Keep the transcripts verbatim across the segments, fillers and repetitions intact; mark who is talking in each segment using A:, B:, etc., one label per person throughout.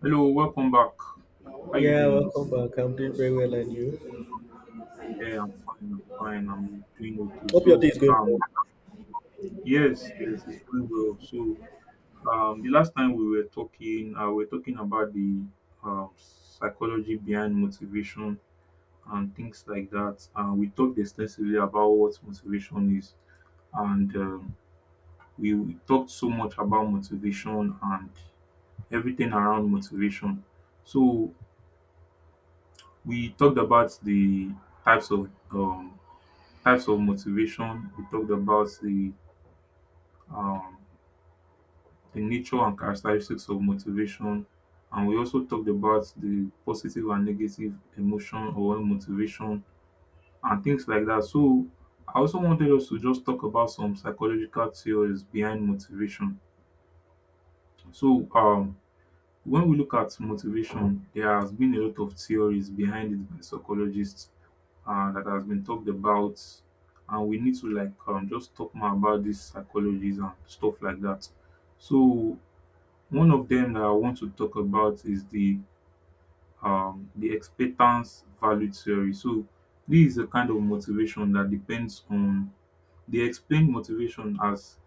A: Hello, welcome back. How you
B: Yeah,
A: doing?
B: welcome back. I'm doing very well, and you?
A: Yeah, I'm fine. I'm fine. I'm doing okay.
B: Hope your day
A: So,
B: is going
A: um,
B: well.
A: yes, yes, it's going well. So, um, the last time we were talking, uh, we are talking about the um, psychology behind motivation and things like that. And we talked extensively about what motivation is, and um, we, we talked so much about motivation and everything around motivation. So, we talked about the types of um, Types of motivation. We talked about the um, the nature and characteristics of motivation, and we also talked about the positive and negative emotion or motivation and things like that. So I also wanted us to just talk about some psychological theories behind motivation. So um, when we look at motivation, there has been a lot of theories behind it by psychologists uh, that has been talked about, and we need to like um, just talk more about these psychologies and stuff like that. So one of them that I want to talk about is the um, the expectance value theory. So this is a kind of motivation that depends on— they explain motivation as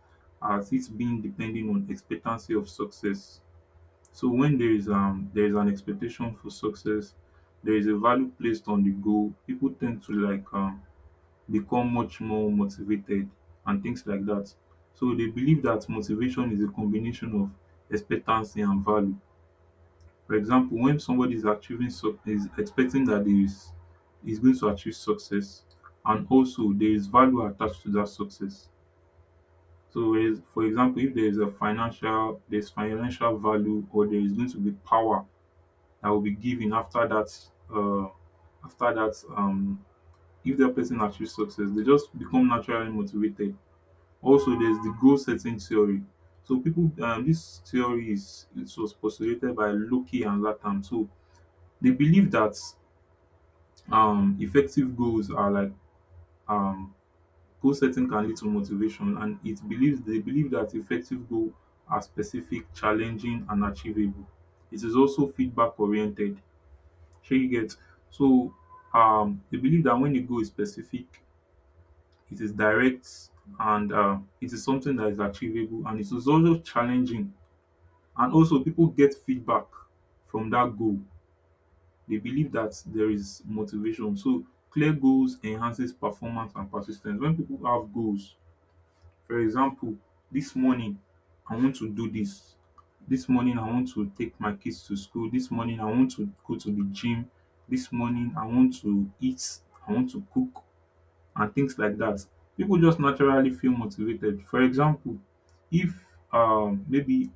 A: as it's being depending on expectancy of success. So when there is um there is an expectation for success, there is a value placed on the goal, people tend to like um become much more motivated and things like that. So they believe that motivation is a combination of expectancy and value. For example, when somebody is achieving suc- is expecting that there is is going to achieve success, and also there is value attached to that success. So, there is- for example, if there is a financial there's financial value, or there is going to be power that will be given after that uh, after that um, if that person achieves success, they just become naturally motivated. Also, there's the goal setting theory. So people um this theory is it was postulated by Loki and Latham. So they believe that um effective goals are like um goal setting can lead to motivation, and it believes they believe that effective goal are specific, challenging and achievable. It is also feedback oriented. Shey you get? So um they believe that when the goal is specific, it is direct, and um it is something that is achievable and it is also challenging, and also people get feedback from that goal, they believe that there is motivation. So clear goals enhances performance and persistence. When people have goals, for example, this morning I want to do this, this morning I want to take my kids to school, this morning I want to go to the gym, this morning I want to eat, I want to cook, and things like that, people just naturally feel motivated. For example, if um, maybe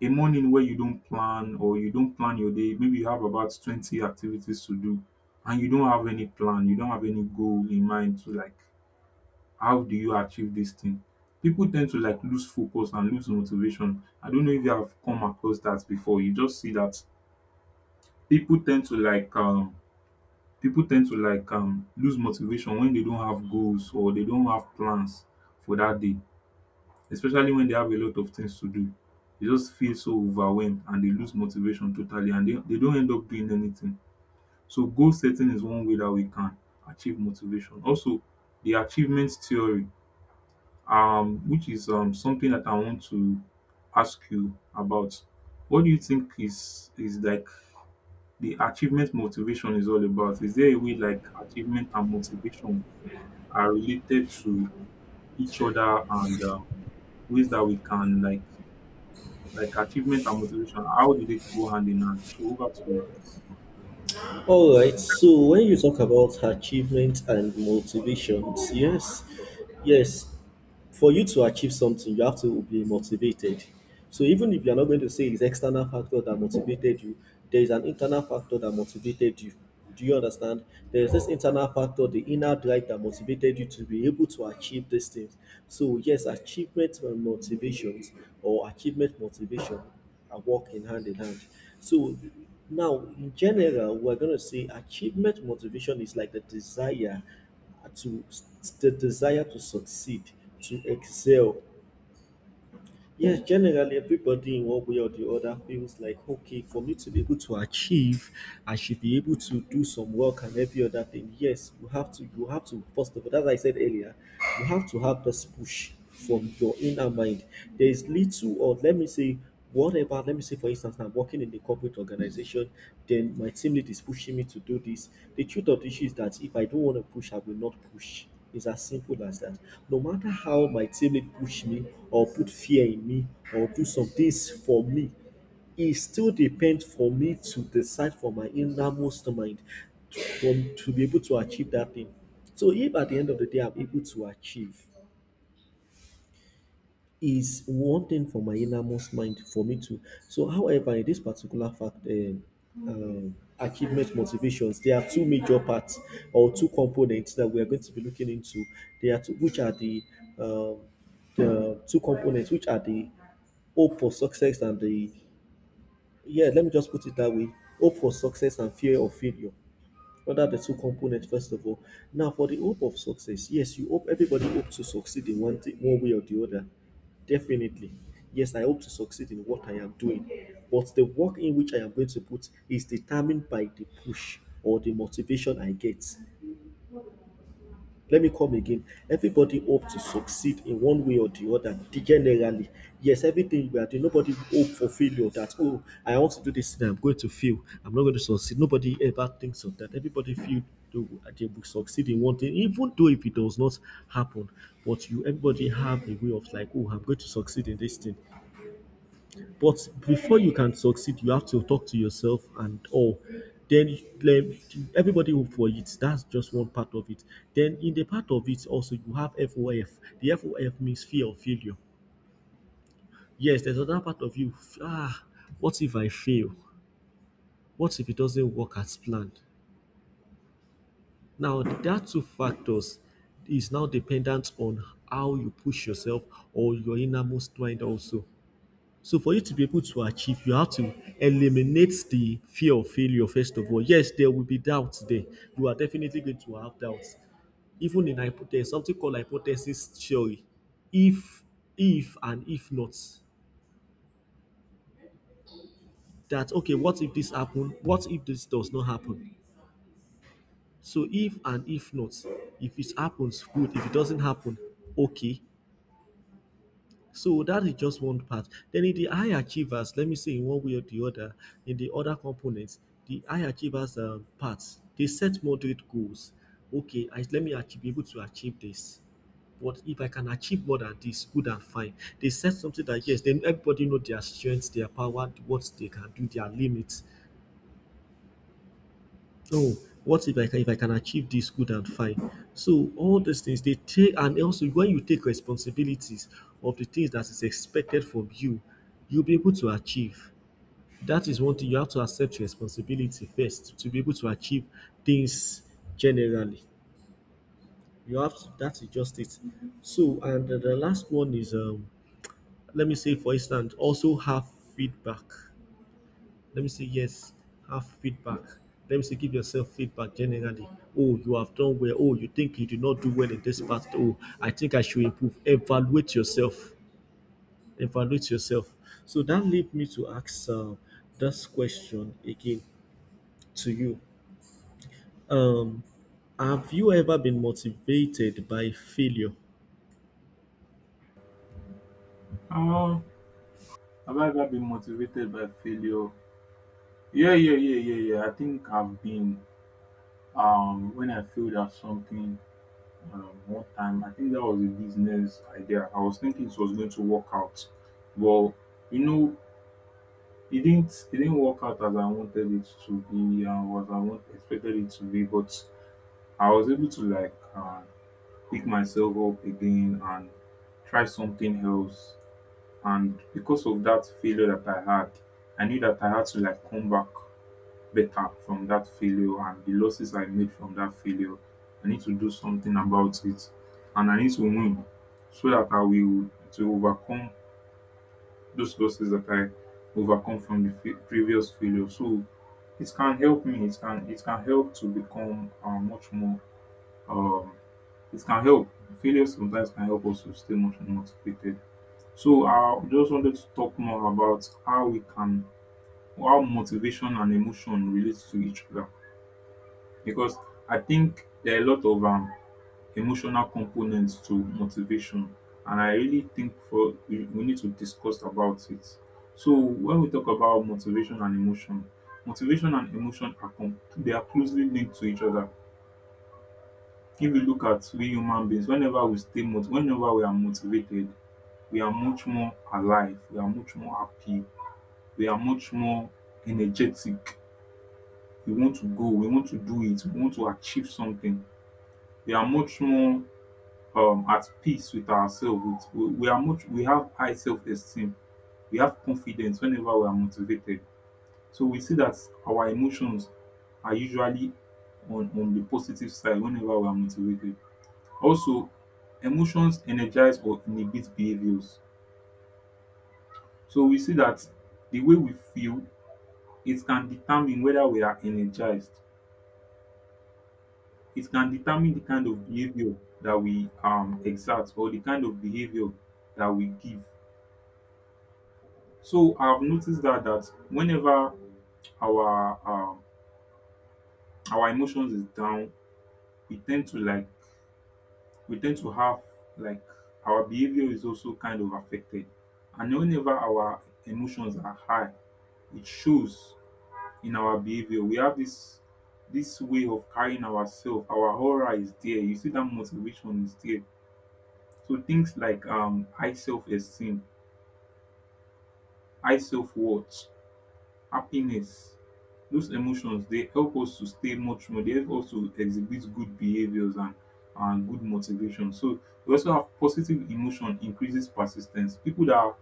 A: a morning where you don't plan or you don't plan your day, maybe you have about twenty activities to do and you don't have any plan, you don't have any goal in mind to like, how do you achieve this thing? People tend to like lose focus and lose motivation. I don't know if you have come across that before. You just see that people tend to like um, People tend to like um lose motivation when they don't have goals or they don't have plans for that day, especially when they have a lot of things to do. They just feel so overwhelmed and they lose motivation totally and they they don't end up doing anything. So goal setting is one way that we can achieve motivation. Also, the achievement theory, um which is um something that I want to ask you about. What do you think is is like the achievement motivation is all about? Is there a way like achievement and motivation are related to each other, and um, ways that we can like like achievement and motivation, how do they go hand in hand? So over to you.
B: All right. So when you talk about achievement and motivations, yes, yes, for you to achieve something, you have to be motivated. So even if you're not going to say it's external factor that motivated you, there is an internal factor that motivated you. Do you understand? There's this internal factor, the inner drive that motivated you to be able to achieve these things. So yes, achievement and motivations or achievement motivation are working hand in hand. So now in general, we're gonna say achievement motivation is like the desire to the desire to succeed, to excel. Yes, generally everybody in one way or the other feels like, okay, for me to be able to achieve, I should be able to do some work and every other thing. Yes, you have to you have to first of all, as I said earlier, you have to have this push from your inner mind. There is little or let me say whatever, let me say for instance, I'm working in the corporate organization, then my team lead is pushing me to do this. The truth of the issue is that if I don't want to push, I will not push, it's as simple as that. No matter how my teammate push me or put fear in me or do some things for me, it still depends for me to decide for my innermost mind to, to be able to achieve that thing. So if at the end of the day I'm able to achieve, is one thing for my innermost mind for me to. So, however, in this particular fact, um, um, achievement motivations, there are two major parts or two components that we are going to be looking into. They are two, which are the um, the two components, which are the hope for success and the, yeah. Let me just put it that way: hope for success and fear of failure. What are the two components, first of all. Now, for the hope of success, yes, you hope, everybody hope to succeed in one thing, one way or the other. Definitely, yes, I hope to succeed in what I am doing, but the work in which I am going to put is determined by the push or the motivation I get. Let me come again. Everybody hope to succeed in one way or the other. Generally, yes, everything we are doing, nobody hope for failure. That, oh, I want to do this thing, I'm going to fail. I'm not going to succeed. Nobody ever thinks of that. Everybody feel they will they will succeed in one thing, even though if it does not happen. But you, everybody have a way of like, oh, I'm going to succeed in this thing. But before you can succeed, you have to talk to yourself and all. Then like, everybody will for it. That's just one part of it. Then in the part of it also you have F O F. The F O F means fear of failure. Yes, there's another part of you. Ah, what if I fail? What if it doesn't work as planned? Now that two factors is now dependent on how you push yourself or your innermost mind also. So for you to be able to achieve, you have to eliminate the fear of failure first of all. Yes, there will be doubts there. You are definitely going to have doubts. Even in hypo- there's something called hypothesis theory. If, if, and if not. That okay, what if this happen? What if this does not happen? So if and if not, if it happens, good. If it doesn't happen, okay. So that is just one part. Then in the high achievers, let me say in one way or the other, in the other components, the high achievers um, parts, they set moderate goals. Okay, I, let me achieve, be able to achieve this. But if I can achieve more than this, good and fine. They set something that yes, then everybody know their strengths, their power, what they can do, their limits. Oh, what if I can, if I can achieve this, good and fine? So all these things they take, and also when you take responsibilities of the things that is expected from you, you'll be able to achieve. That is one thing, you have to accept your responsibility first to be able to achieve things generally. You have to, that is just it. So and the the last one is, um let me say for instance also have feedback, let me say yes. Have feedback. Let me say give yourself feedback generally. Oh, you have done well. Oh, you think you did not do well in this part. Oh, I think I should improve. Evaluate yourself. Evaluate yourself. So that lead me to ask uh, this question again to you. Um, have you ever been motivated by failure?
A: Uh, have I ever been motivated by failure? Yeah, yeah, yeah, yeah, yeah, I think I've been. Um when I failed at something, um, one time, I think that was a business idea I was thinking it was going to work out, but you know, it didn't it didn't work out as I wanted it to be and was i want, expected it to be, but I was able to like um, pick myself up again and try something else. And because of that failure that I had, I knew that I had to like come back better from that failure, and the losses I made from that failure, I need to do something about it and I need to win so that I will to overcome those losses that I overcome from the fa- previous failure. So it can help me. It can it can help to become uh, much more um, it can help. Failure sometimes can help us to stay much more motivated. So I just wanted to talk more about how we can, how motivation and emotion relates to each other. Because I think there are a lot of um, emotional components to motivation, and I really think for we, we need to discuss about it. So when we talk about motivation and emotion, motivation and emotion are com- they are closely linked to each other. If we look at we human beings, whenever we stay mot, whenever we are motivated, we are much more alive, we are much more happy, we are much more energetic, we want to go, we want to do it, we want to achieve something, we are much more um, at peace with ourselves. With, we, we are much we have high self-esteem, we have confidence whenever we are motivated. So we see that our emotions are usually on, on the positive side whenever we are motivated. Also, emotions energize or inhibit behaviors. So we see that the way we feel, it can determine whether we are energized. It can determine the kind of behavior that we um, exert, or the kind of behavior that we give. So I've noticed that that whenever our um, our emotions is down, we tend to like we tend to have like our behavior is also kind of affected. And whenever our emotions are high, it shows in our behavior. We have this this way of carrying ourselves. Our aura is there. You see that motivation is there. So things like um high self-esteem, high self-worth, happiness, those emotions, they help us to stay much more. They help us to exhibit good behaviors and and good motivation. So we also have positive emotion increases persistence. People that are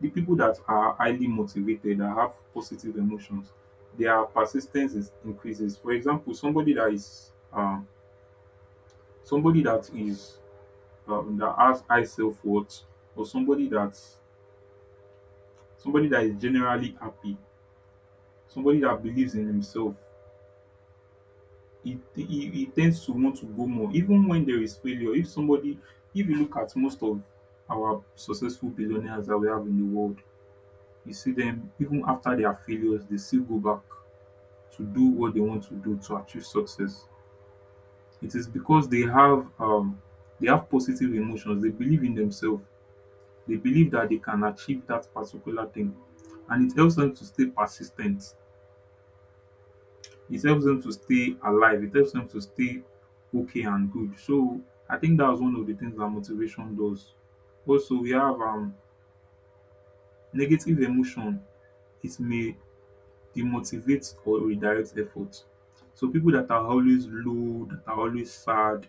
A: The people that are highly motivated, that have positive emotions, their persistence is increases. For example, somebody that is um, somebody that is um, that has high self worth, or somebody that somebody that is generally happy, somebody that believes in himself. He, he, he tends to want to go more, even when there is failure. If somebody, if you look at most of our successful billionaires that we have in the world, you see them even after their failures, they still go back to do what they want to do to achieve success. It is because they have um, they have positive emotions. They believe in themselves. They believe that they can achieve that particular thing, and it helps them to stay persistent. It helps them to stay alive. It helps them to stay okay and good. So I think that's one of the things that motivation does. Also, we have um, negative emotion. It may demotivates or redirects effort. So people that are always low, that are always sad,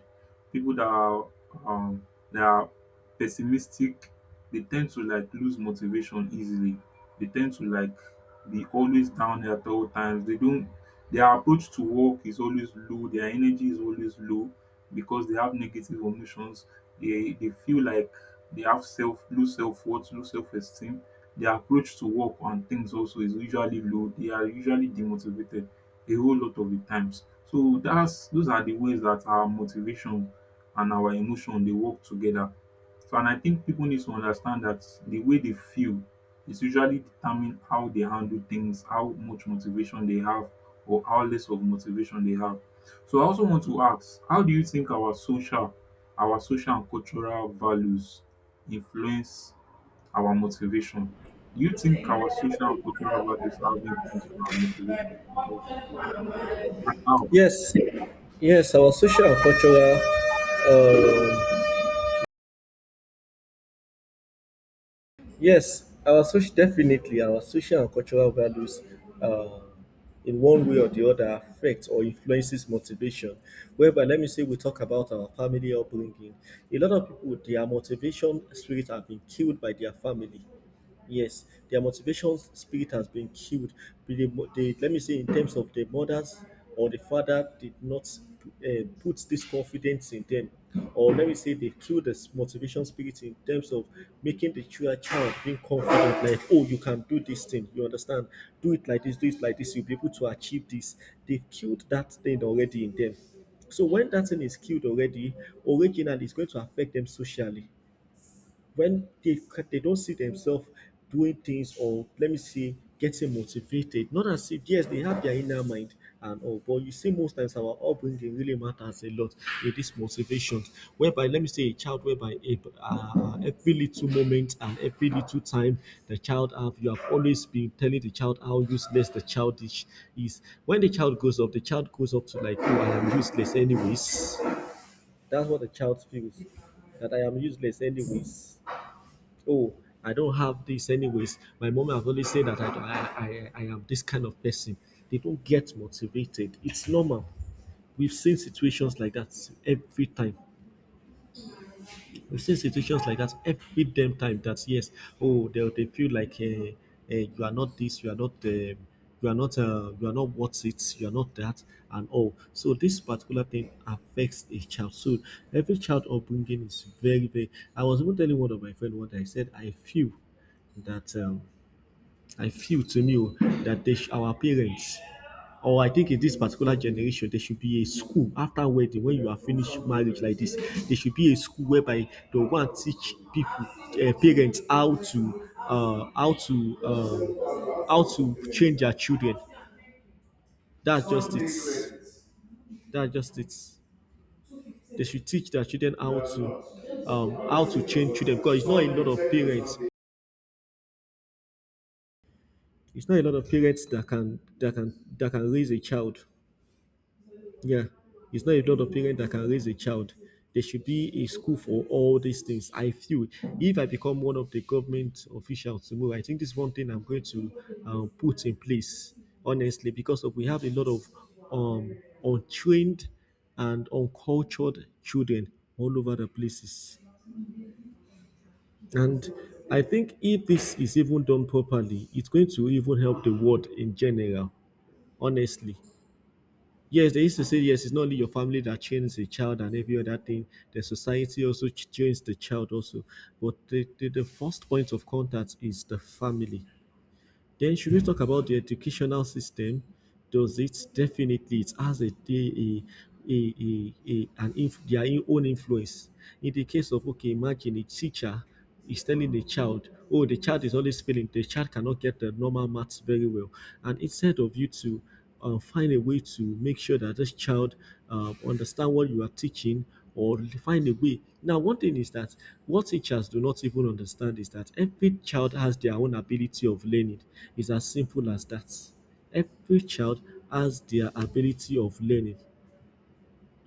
A: people that are um that are pessimistic, they tend to like lose motivation easily. They tend to like be always down at all times. They don't— their approach to work is always low, their energy is always low, because they have negative emotions. They they feel like they have self low self worth, low self esteem. Their approach to work and things also is usually low. They are usually demotivated a whole lot of the times. So that's those are the ways that our motivation and our emotion they work together. So, and I think people need to understand that the way they feel is usually determine how they handle things, how much motivation they have or how less of motivation they have. So I also want to ask, how do you think our social, our social and cultural values influence our motivation? Do you think our social and cultural values have influence on our motivation, and how?
B: Yes, yes, our social and cultural, um, yes, our social, definitely, our social and cultural values, uh, in one way or the other affect or influences motivation. Whereby, let me say, we talk about our family upbringing. A lot of people, their motivation spirit have been killed by their family. Yes, their motivation spirit has been killed. But they, they, let me say, in terms of the mothers or the father, did not uh, put this confidence in them, or let me say, they killed this motivation spirit in terms of making the chi- child being confident, like, oh, you can do this thing. You understand? Do it like this. Do it like this. You'll be able to achieve this. They've killed that thing already in them. So when that thing is killed already, originally, it's going to affect them socially when they ca- they don't see themselves doing things, or let me say getting motivated. Not as if yes they have their inner mind and all, but you see most times our upbringing really matters a lot in this motivation. Whereby let me say a child, whereby a, uh, every little moment and every little time the child have, you have always been telling the child how useless the child is is. When the child goes up, the child goes up to like, oh, I am useless anyways. That's what the child feels, that I am useless anyways. Oh, I don't have this anyways, my mom has always said that I, I i i am this kind of person. They don't get motivated, it's normal. We've seen situations like that every time. We've seen situations like that every damn time. That yes, oh, they they feel like uh, uh, you are not this, you are not, um you are not, uh, you are not worth it, you are not that, and all. So this particular thing affects a child. So every child upbringing is very, very. I was even telling one of my friend what I said. I feel that. Um, I feel, to me, oh, that they sh- our parents, or I think in this particular generation, there should be a school after wedding, when you are finished marriage like this. There should be a school whereby they will go teach people, uh, parents, how to, uh, how to, uh, how to train their children. That's just it. That's just it. They should teach their children how to, um, how to train children, because it's not a lot of parents. It's not a lot of parents that can that can that can raise a child. Yeah, it's not enough of parent that can raise a child. There should be a school for all these things. I feel if I become one of the government officials tomorrow, I think this is one thing I'm going to, um, put in place, honestly, because of, we have a lot of um, untrained and uncultured children all over the places. And I think if this is even done properly, it's going to even help the world in general, honestly. Yes, they used to say yes. It's not only your family that trains the child and every other thing. The society also ch- trains the child also. But the, the, the first point of contact is the family. Then should we talk about the educational system? Does it, definitely it has a, a, a, a, a an inf- their own influence? In the case of okay, imagine a teacher is telling the child, oh, the child is always failing. The child cannot get the normal maths very well, and instead of you to uh, find a way to make sure that this child uh, understand what you are teaching, or find a way. Now, one thing is that what teachers do not even understand is that every child has their own ability of learning. It's as simple as that. Every child has their ability of learning,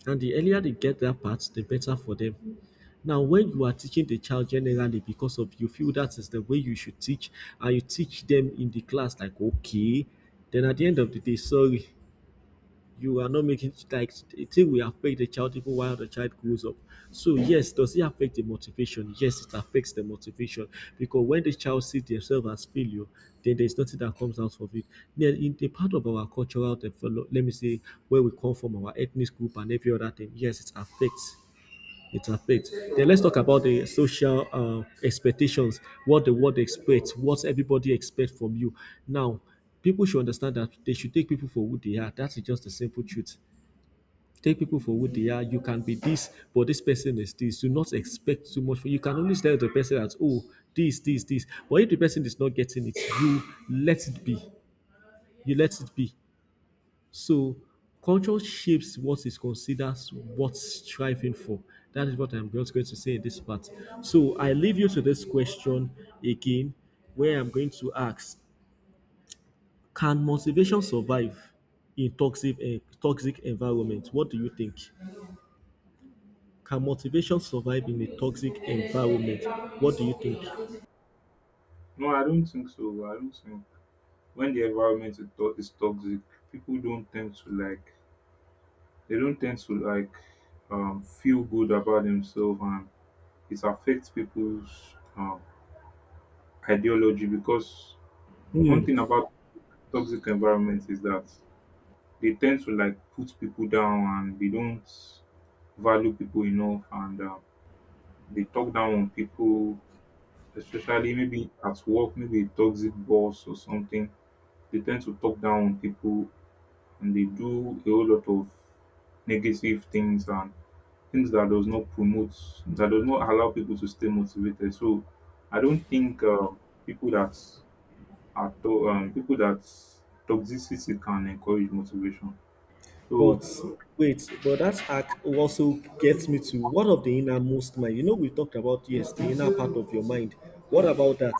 B: and the earlier they get that part, the better for them. Now, when you are teaching the child generally because of you feel that is the way you should teach, and you teach them in the class, like okay, then at the end of the day, sorry, you are not making, like it will affect the child even while the child grows up. So yes, does it affect the motivation? Yes, it affects the motivation because when the child sees themselves as failure, then there's nothing that comes out of it. Then in the part of our cultural develop, let me say where we come from, our ethnic group and every other thing, yes, it affects it affects. Then let's talk about the social uh, expectations. What the world expects, what everybody expects from you. Now, people should understand that they should take people for who they are. That's just the simple truth. Take people for who they are. You can be this, but this person is this. Do not expect too much. from- You can only tell the person that oh, this, this, this. But if the person is not getting it, you let it be. You let it be. So culture shapes what is considered worth striving for. That is what I'm just going to say in this part. So I leave you to this question again, where I'm going to ask: Can motivation survive in toxic eh, toxic environment? What do you think? Can motivation survive in a toxic environment? What do you think?
A: No, I don't think so. I don't think when the environment is to- is toxic, people don't tend to like they don't tend to like um, feel good about themselves, and it affects people's um, ideology because one
B: Hmm.
A: thing about toxic environments is that they tend to like put people down and they don't value people enough and um, they talk down on people, especially maybe at work, maybe a toxic boss or something. They tend to talk down on people and they do a whole lot of negative things and things that does not promote, that does not allow people to stay motivated. So I don't think uh, people that are to- um, people that toxicity can encourage motivation. So
B: But wait, but that arc also gets me to what of the innermost mind? You know, we talked about yes, the inner part of your mind. What about that?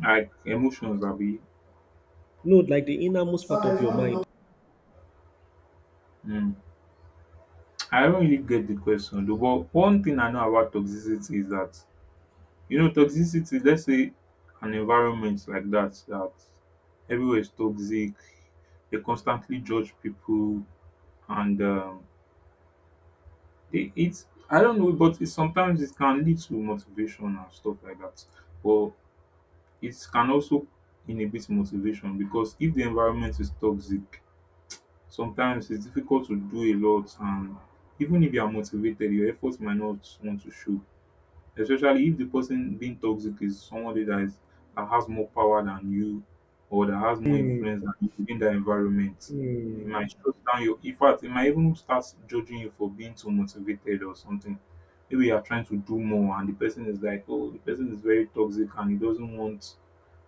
A: like emotions, Abi.
B: No, like the innermost part of your mind.
A: Mm. I don't really get the question though, but one thing I know about toxicity is that you know, toxicity, let's say an environment like that, that everywhere is toxic, they constantly judge people, and um, they, it's, I don't know, but it, sometimes it can lead to motivation and stuff like that. But it can also inhibit motivation because if the environment is toxic, sometimes it's difficult to do a lot, and even if you are motivated, your efforts might not want to show, especially if the person being toxic is somebody that is that has more power than you or that has more influence than you within that environment. It might shut down your in fact it might even start judging you for being too motivated or something. Maybe you are trying to do more and the person is like, oh, the person is very toxic and he doesn't want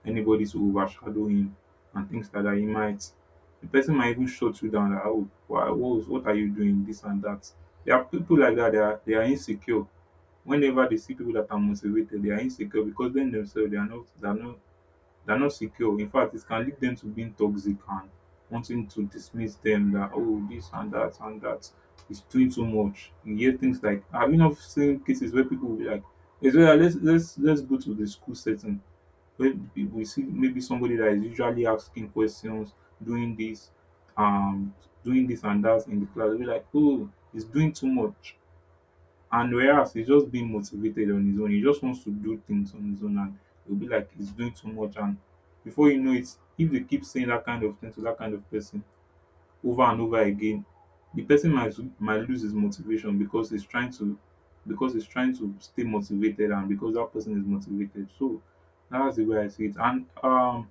A: anybody to overshadow him and things like that. He might the person might even shut you down like, oh, why, what, was- what are you doing? This and that. There are people like that, they are, they are insecure whenever they see people that are motivated they are insecure because then themselves they are not they're not they're not secure. In fact, it can lead them to being toxic and wanting to dismiss them that oh this and that and that is doing too much. You hear things like have you not seen cases where people will be like "Yes, well, let's let's let's go to the school setting where we we see maybe somebody that is usually asking questions doing this um doing this and that in the class. We will like oh he's doing too much and whereas he's just being motivated on his own, he just wants to do things on his own and it'll be like he's doing too much. And before you know it, if they keep saying that kind of thing to that kind of person over and over again, the person might might lose his motivation because he's trying to because he's trying to stay motivated and because that person is motivated. So that's the way I see it. And um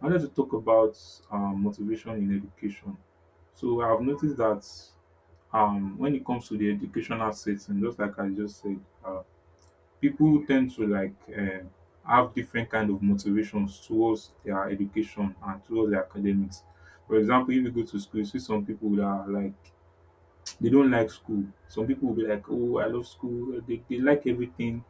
A: I wanted to talk about um motivation in education. So I've noticed that um when it comes to the educational setting just like I just said uh, people tend to like uh, have different kind of motivations towards their education and towards their academics. For example, if you go to school you see some people that are like they don't like school. Some people will be like, "Oh, I love school." They, they like everything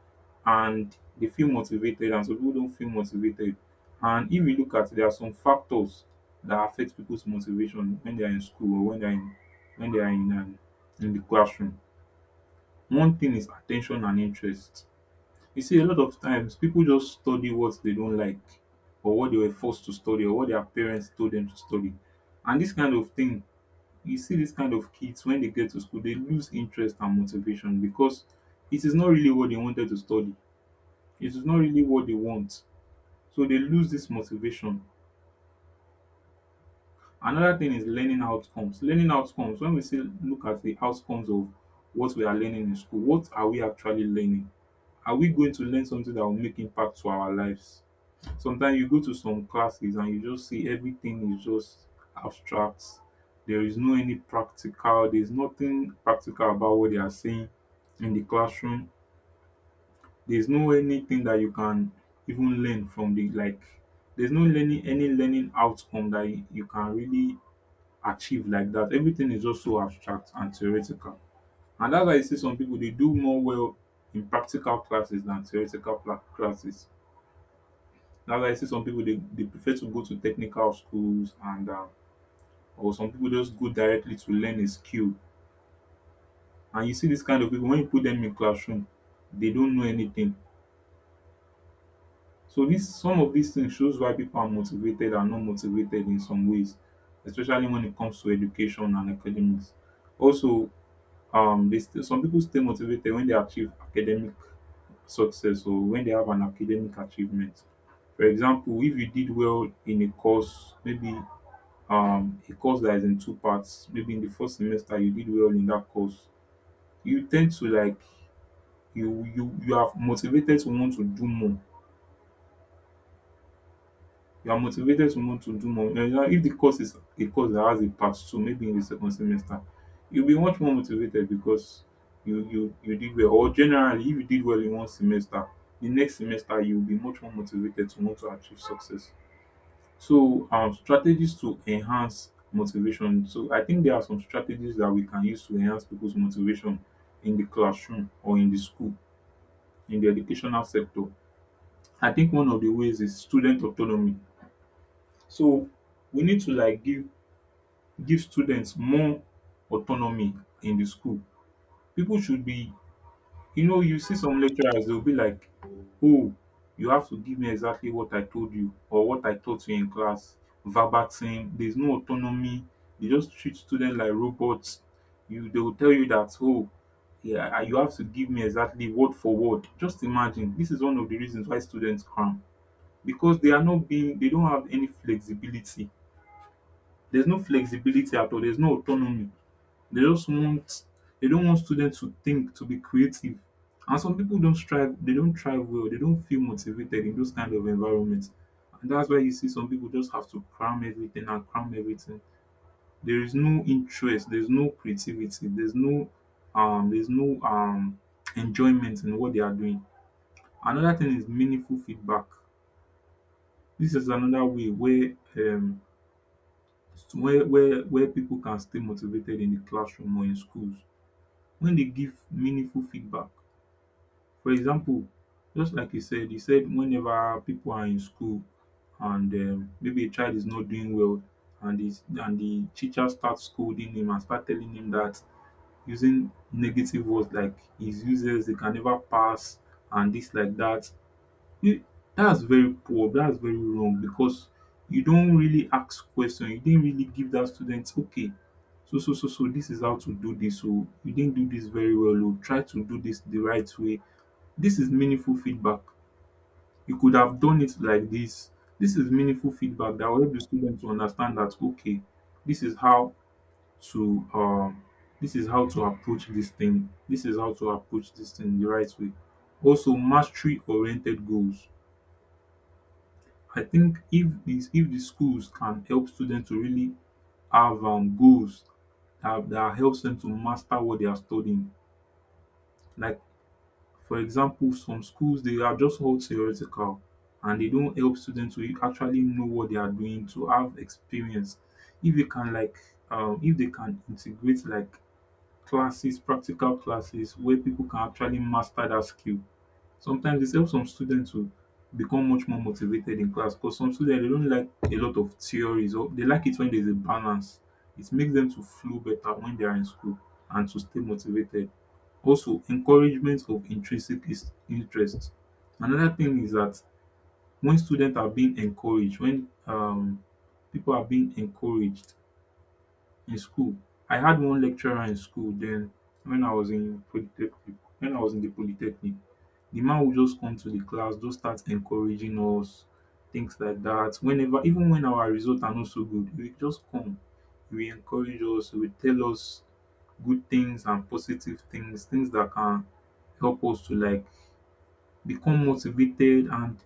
A: and they feel motivated, and some people don't feel motivated. And if you look at there are some factors that affect people's motivation when they are in school or when they are in when they are in um, in the classroom. One thing is attention and interest. You see, a lot of times people just study what they don't like or what they were forced to study or what their parents told them to study. And this kind of thing you see this kind of kids when they get to school they lose interest and motivation because it is not really what they wanted to study, it is not really what they want, so they lose this motivation. Another thing is learning outcomes. Learning outcomes when we say look at the outcomes of what we are learning in school, what are we actually learning? Are we going to learn something that will make impact to our lives? Sometimes you go to some classes and you just see everything is just abstract. There is no any practical, there's nothing practical about what they are saying in the classroom. There's no anything that you can even learn from the like there's no learning any learning outcome that you you can really achieve like that. Everything is just so abstract and theoretical. And that's why you see some people they do more well in practical classes than theoretical pla- classes. That's why I see some people they, they prefer to go to technical schools and um, or some people just go directly to learn a skill. And you see this kind of people when you put them in classroom, they don't know anything. So this some of these things shows why people are motivated and not motivated in some ways, especially when it comes to education and academics. Also, um, they still, some people stay motivated when they achieve academic success or when they have an academic achievement. For example, if you did well in a course, maybe um a course that is in two parts, maybe in the first semester you did well in that course, you tend to like you you you are motivated to want to do more, you are motivated to want to do more. And now if the course is a course that has a part two, maybe in the second semester you'll be much more motivated because you you you did well. Or generally if you did well in one semester, the next semester you'll be much more motivated to want to achieve success. So, um, strategies to enhance motivation. So, I think there are some strategies that we can use to enhance people's motivation in the classroom or in the school, in the educational sector. I think one of the ways is student autonomy. So, we need to like give give students more autonomy in the school. People should be you know, you see some lecturers, they'll be like, oh, you have to give me exactly what I told you or what I taught you in class, verbatim. There's no autonomy. They just treat students like robots. You, they will tell you that, oh, yeah, I- you have to give me exactly word for word. Just imagine, this is one of the reasons why students cram because they are not being, they don't have any flexibility. There's no flexibility at all. There's no autonomy. They just want they don't want students to think, to be creative. And some people don't strive, they don't thrive well, they don't feel motivated in those kind of environments. And that's why you see some people just have to cram everything and cram everything. There is no interest, there's no creativity, there's no um there's no um enjoyment in what they are doing. Another thing is meaningful feedback. This is another way where um where where where people can stay motivated in the classroom or in schools. When they give meaningful feedback, for example, just like you said, you said whenever people are in school and um maybe a child is not doing well and the and the teacher starts scolding him and start telling him that using negative words like his useless, he can never pass and this like that. You that's very poor, that's very wrong because you don't really ask question. You didn't really give that student, okay, so so so so this is how to do this. So you didn't do this very well. Oh, try to do this the right way. This is meaningful feedback. You could have done it like this. This is meaningful feedback that will help the student to understand that okay, this is how to um this is how to approach this thing. This is how to approach this thing the right way. Also, mastery oriented goals. I think if these if the schools can help students to really have um, goals that, that helps them to master what they are studying. Like for example, some schools they are just all theoretical and they don't help students to actually know what they are doing to have experience. If they can like um, if they can integrate like classes, practical classes where people can actually master that skill. Sometimes it helps some students to become much more motivated in class because some students they don't like a lot of theories or they like it when there's a balance. It makes them to flow better when they are in school and to stay motivated. Also, encouragement of intrinsic is- interest. Another thing is that when students are being encouraged, when um, people are being encouraged, in school I had one lecturer in school. Then when I was in polytechnic, when I was in the polytechnic, the man would just come to the class just start encouraging us things like that. Whenever even when our results are not so good he will just come, he will encourage us, he will tell us good things and positive things, things that can help us to like become motivated. And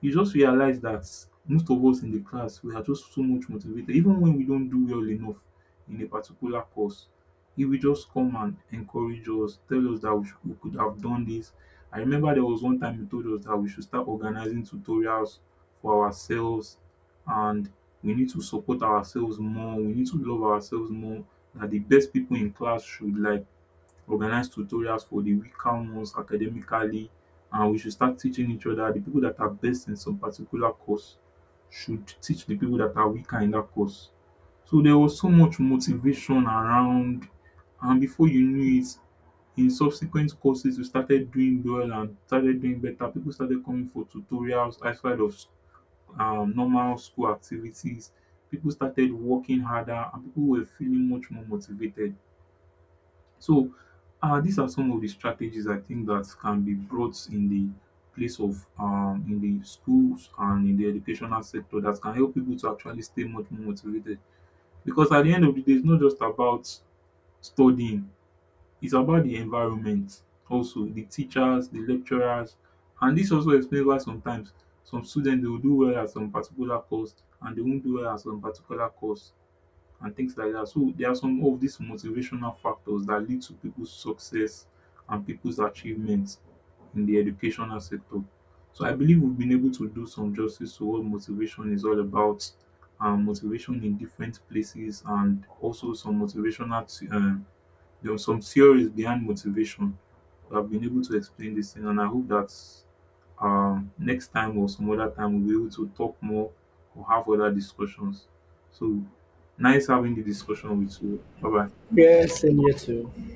A: you just realize that most of us in the class we are just so much motivated even when we don't do well enough in a particular course, he will just come and encourage us, tell us that we, should, we could have done this. I remember there was one time he told us that we should start organizing tutorials for ourselves. And we need to support ourselves more, we need to love ourselves more, that the best people in class should like organize tutorials for the weaker ones academically, and we should start teaching each other. The people that are best in some particular course should teach the people that are weaker in that course. So there was so much motivation around, and before you knew it, in subsequent courses, we started doing well and started doing better. People started coming for tutorials outside of um, normal school activities. People started working harder, and people were feeling much more motivated. So, uh, these are some of the strategies I think that can be brought in the place of um, in the schools and in the educational sector that can help people to actually stay much more motivated. Because at the end of the day, it's not just about studying; it's about the environment, also the teachers, the lecturers, and this also explains why sometimes some students they will do well at some particular course and they won't do well at some particular course and things like that. So there are some of these motivational factors that lead to people's success and people's achievements in the educational sector. So I believe we've been able to do some justice to what motivation is all about, um, motivation in different places, and also some motivational, th- um, there are some theories behind motivation. We have been able to explain this thing, and I hope that um next time or some other time we'll be able to talk more or have other discussions. So nice having the discussion with you. Bye bye.
B: Yes, same here too.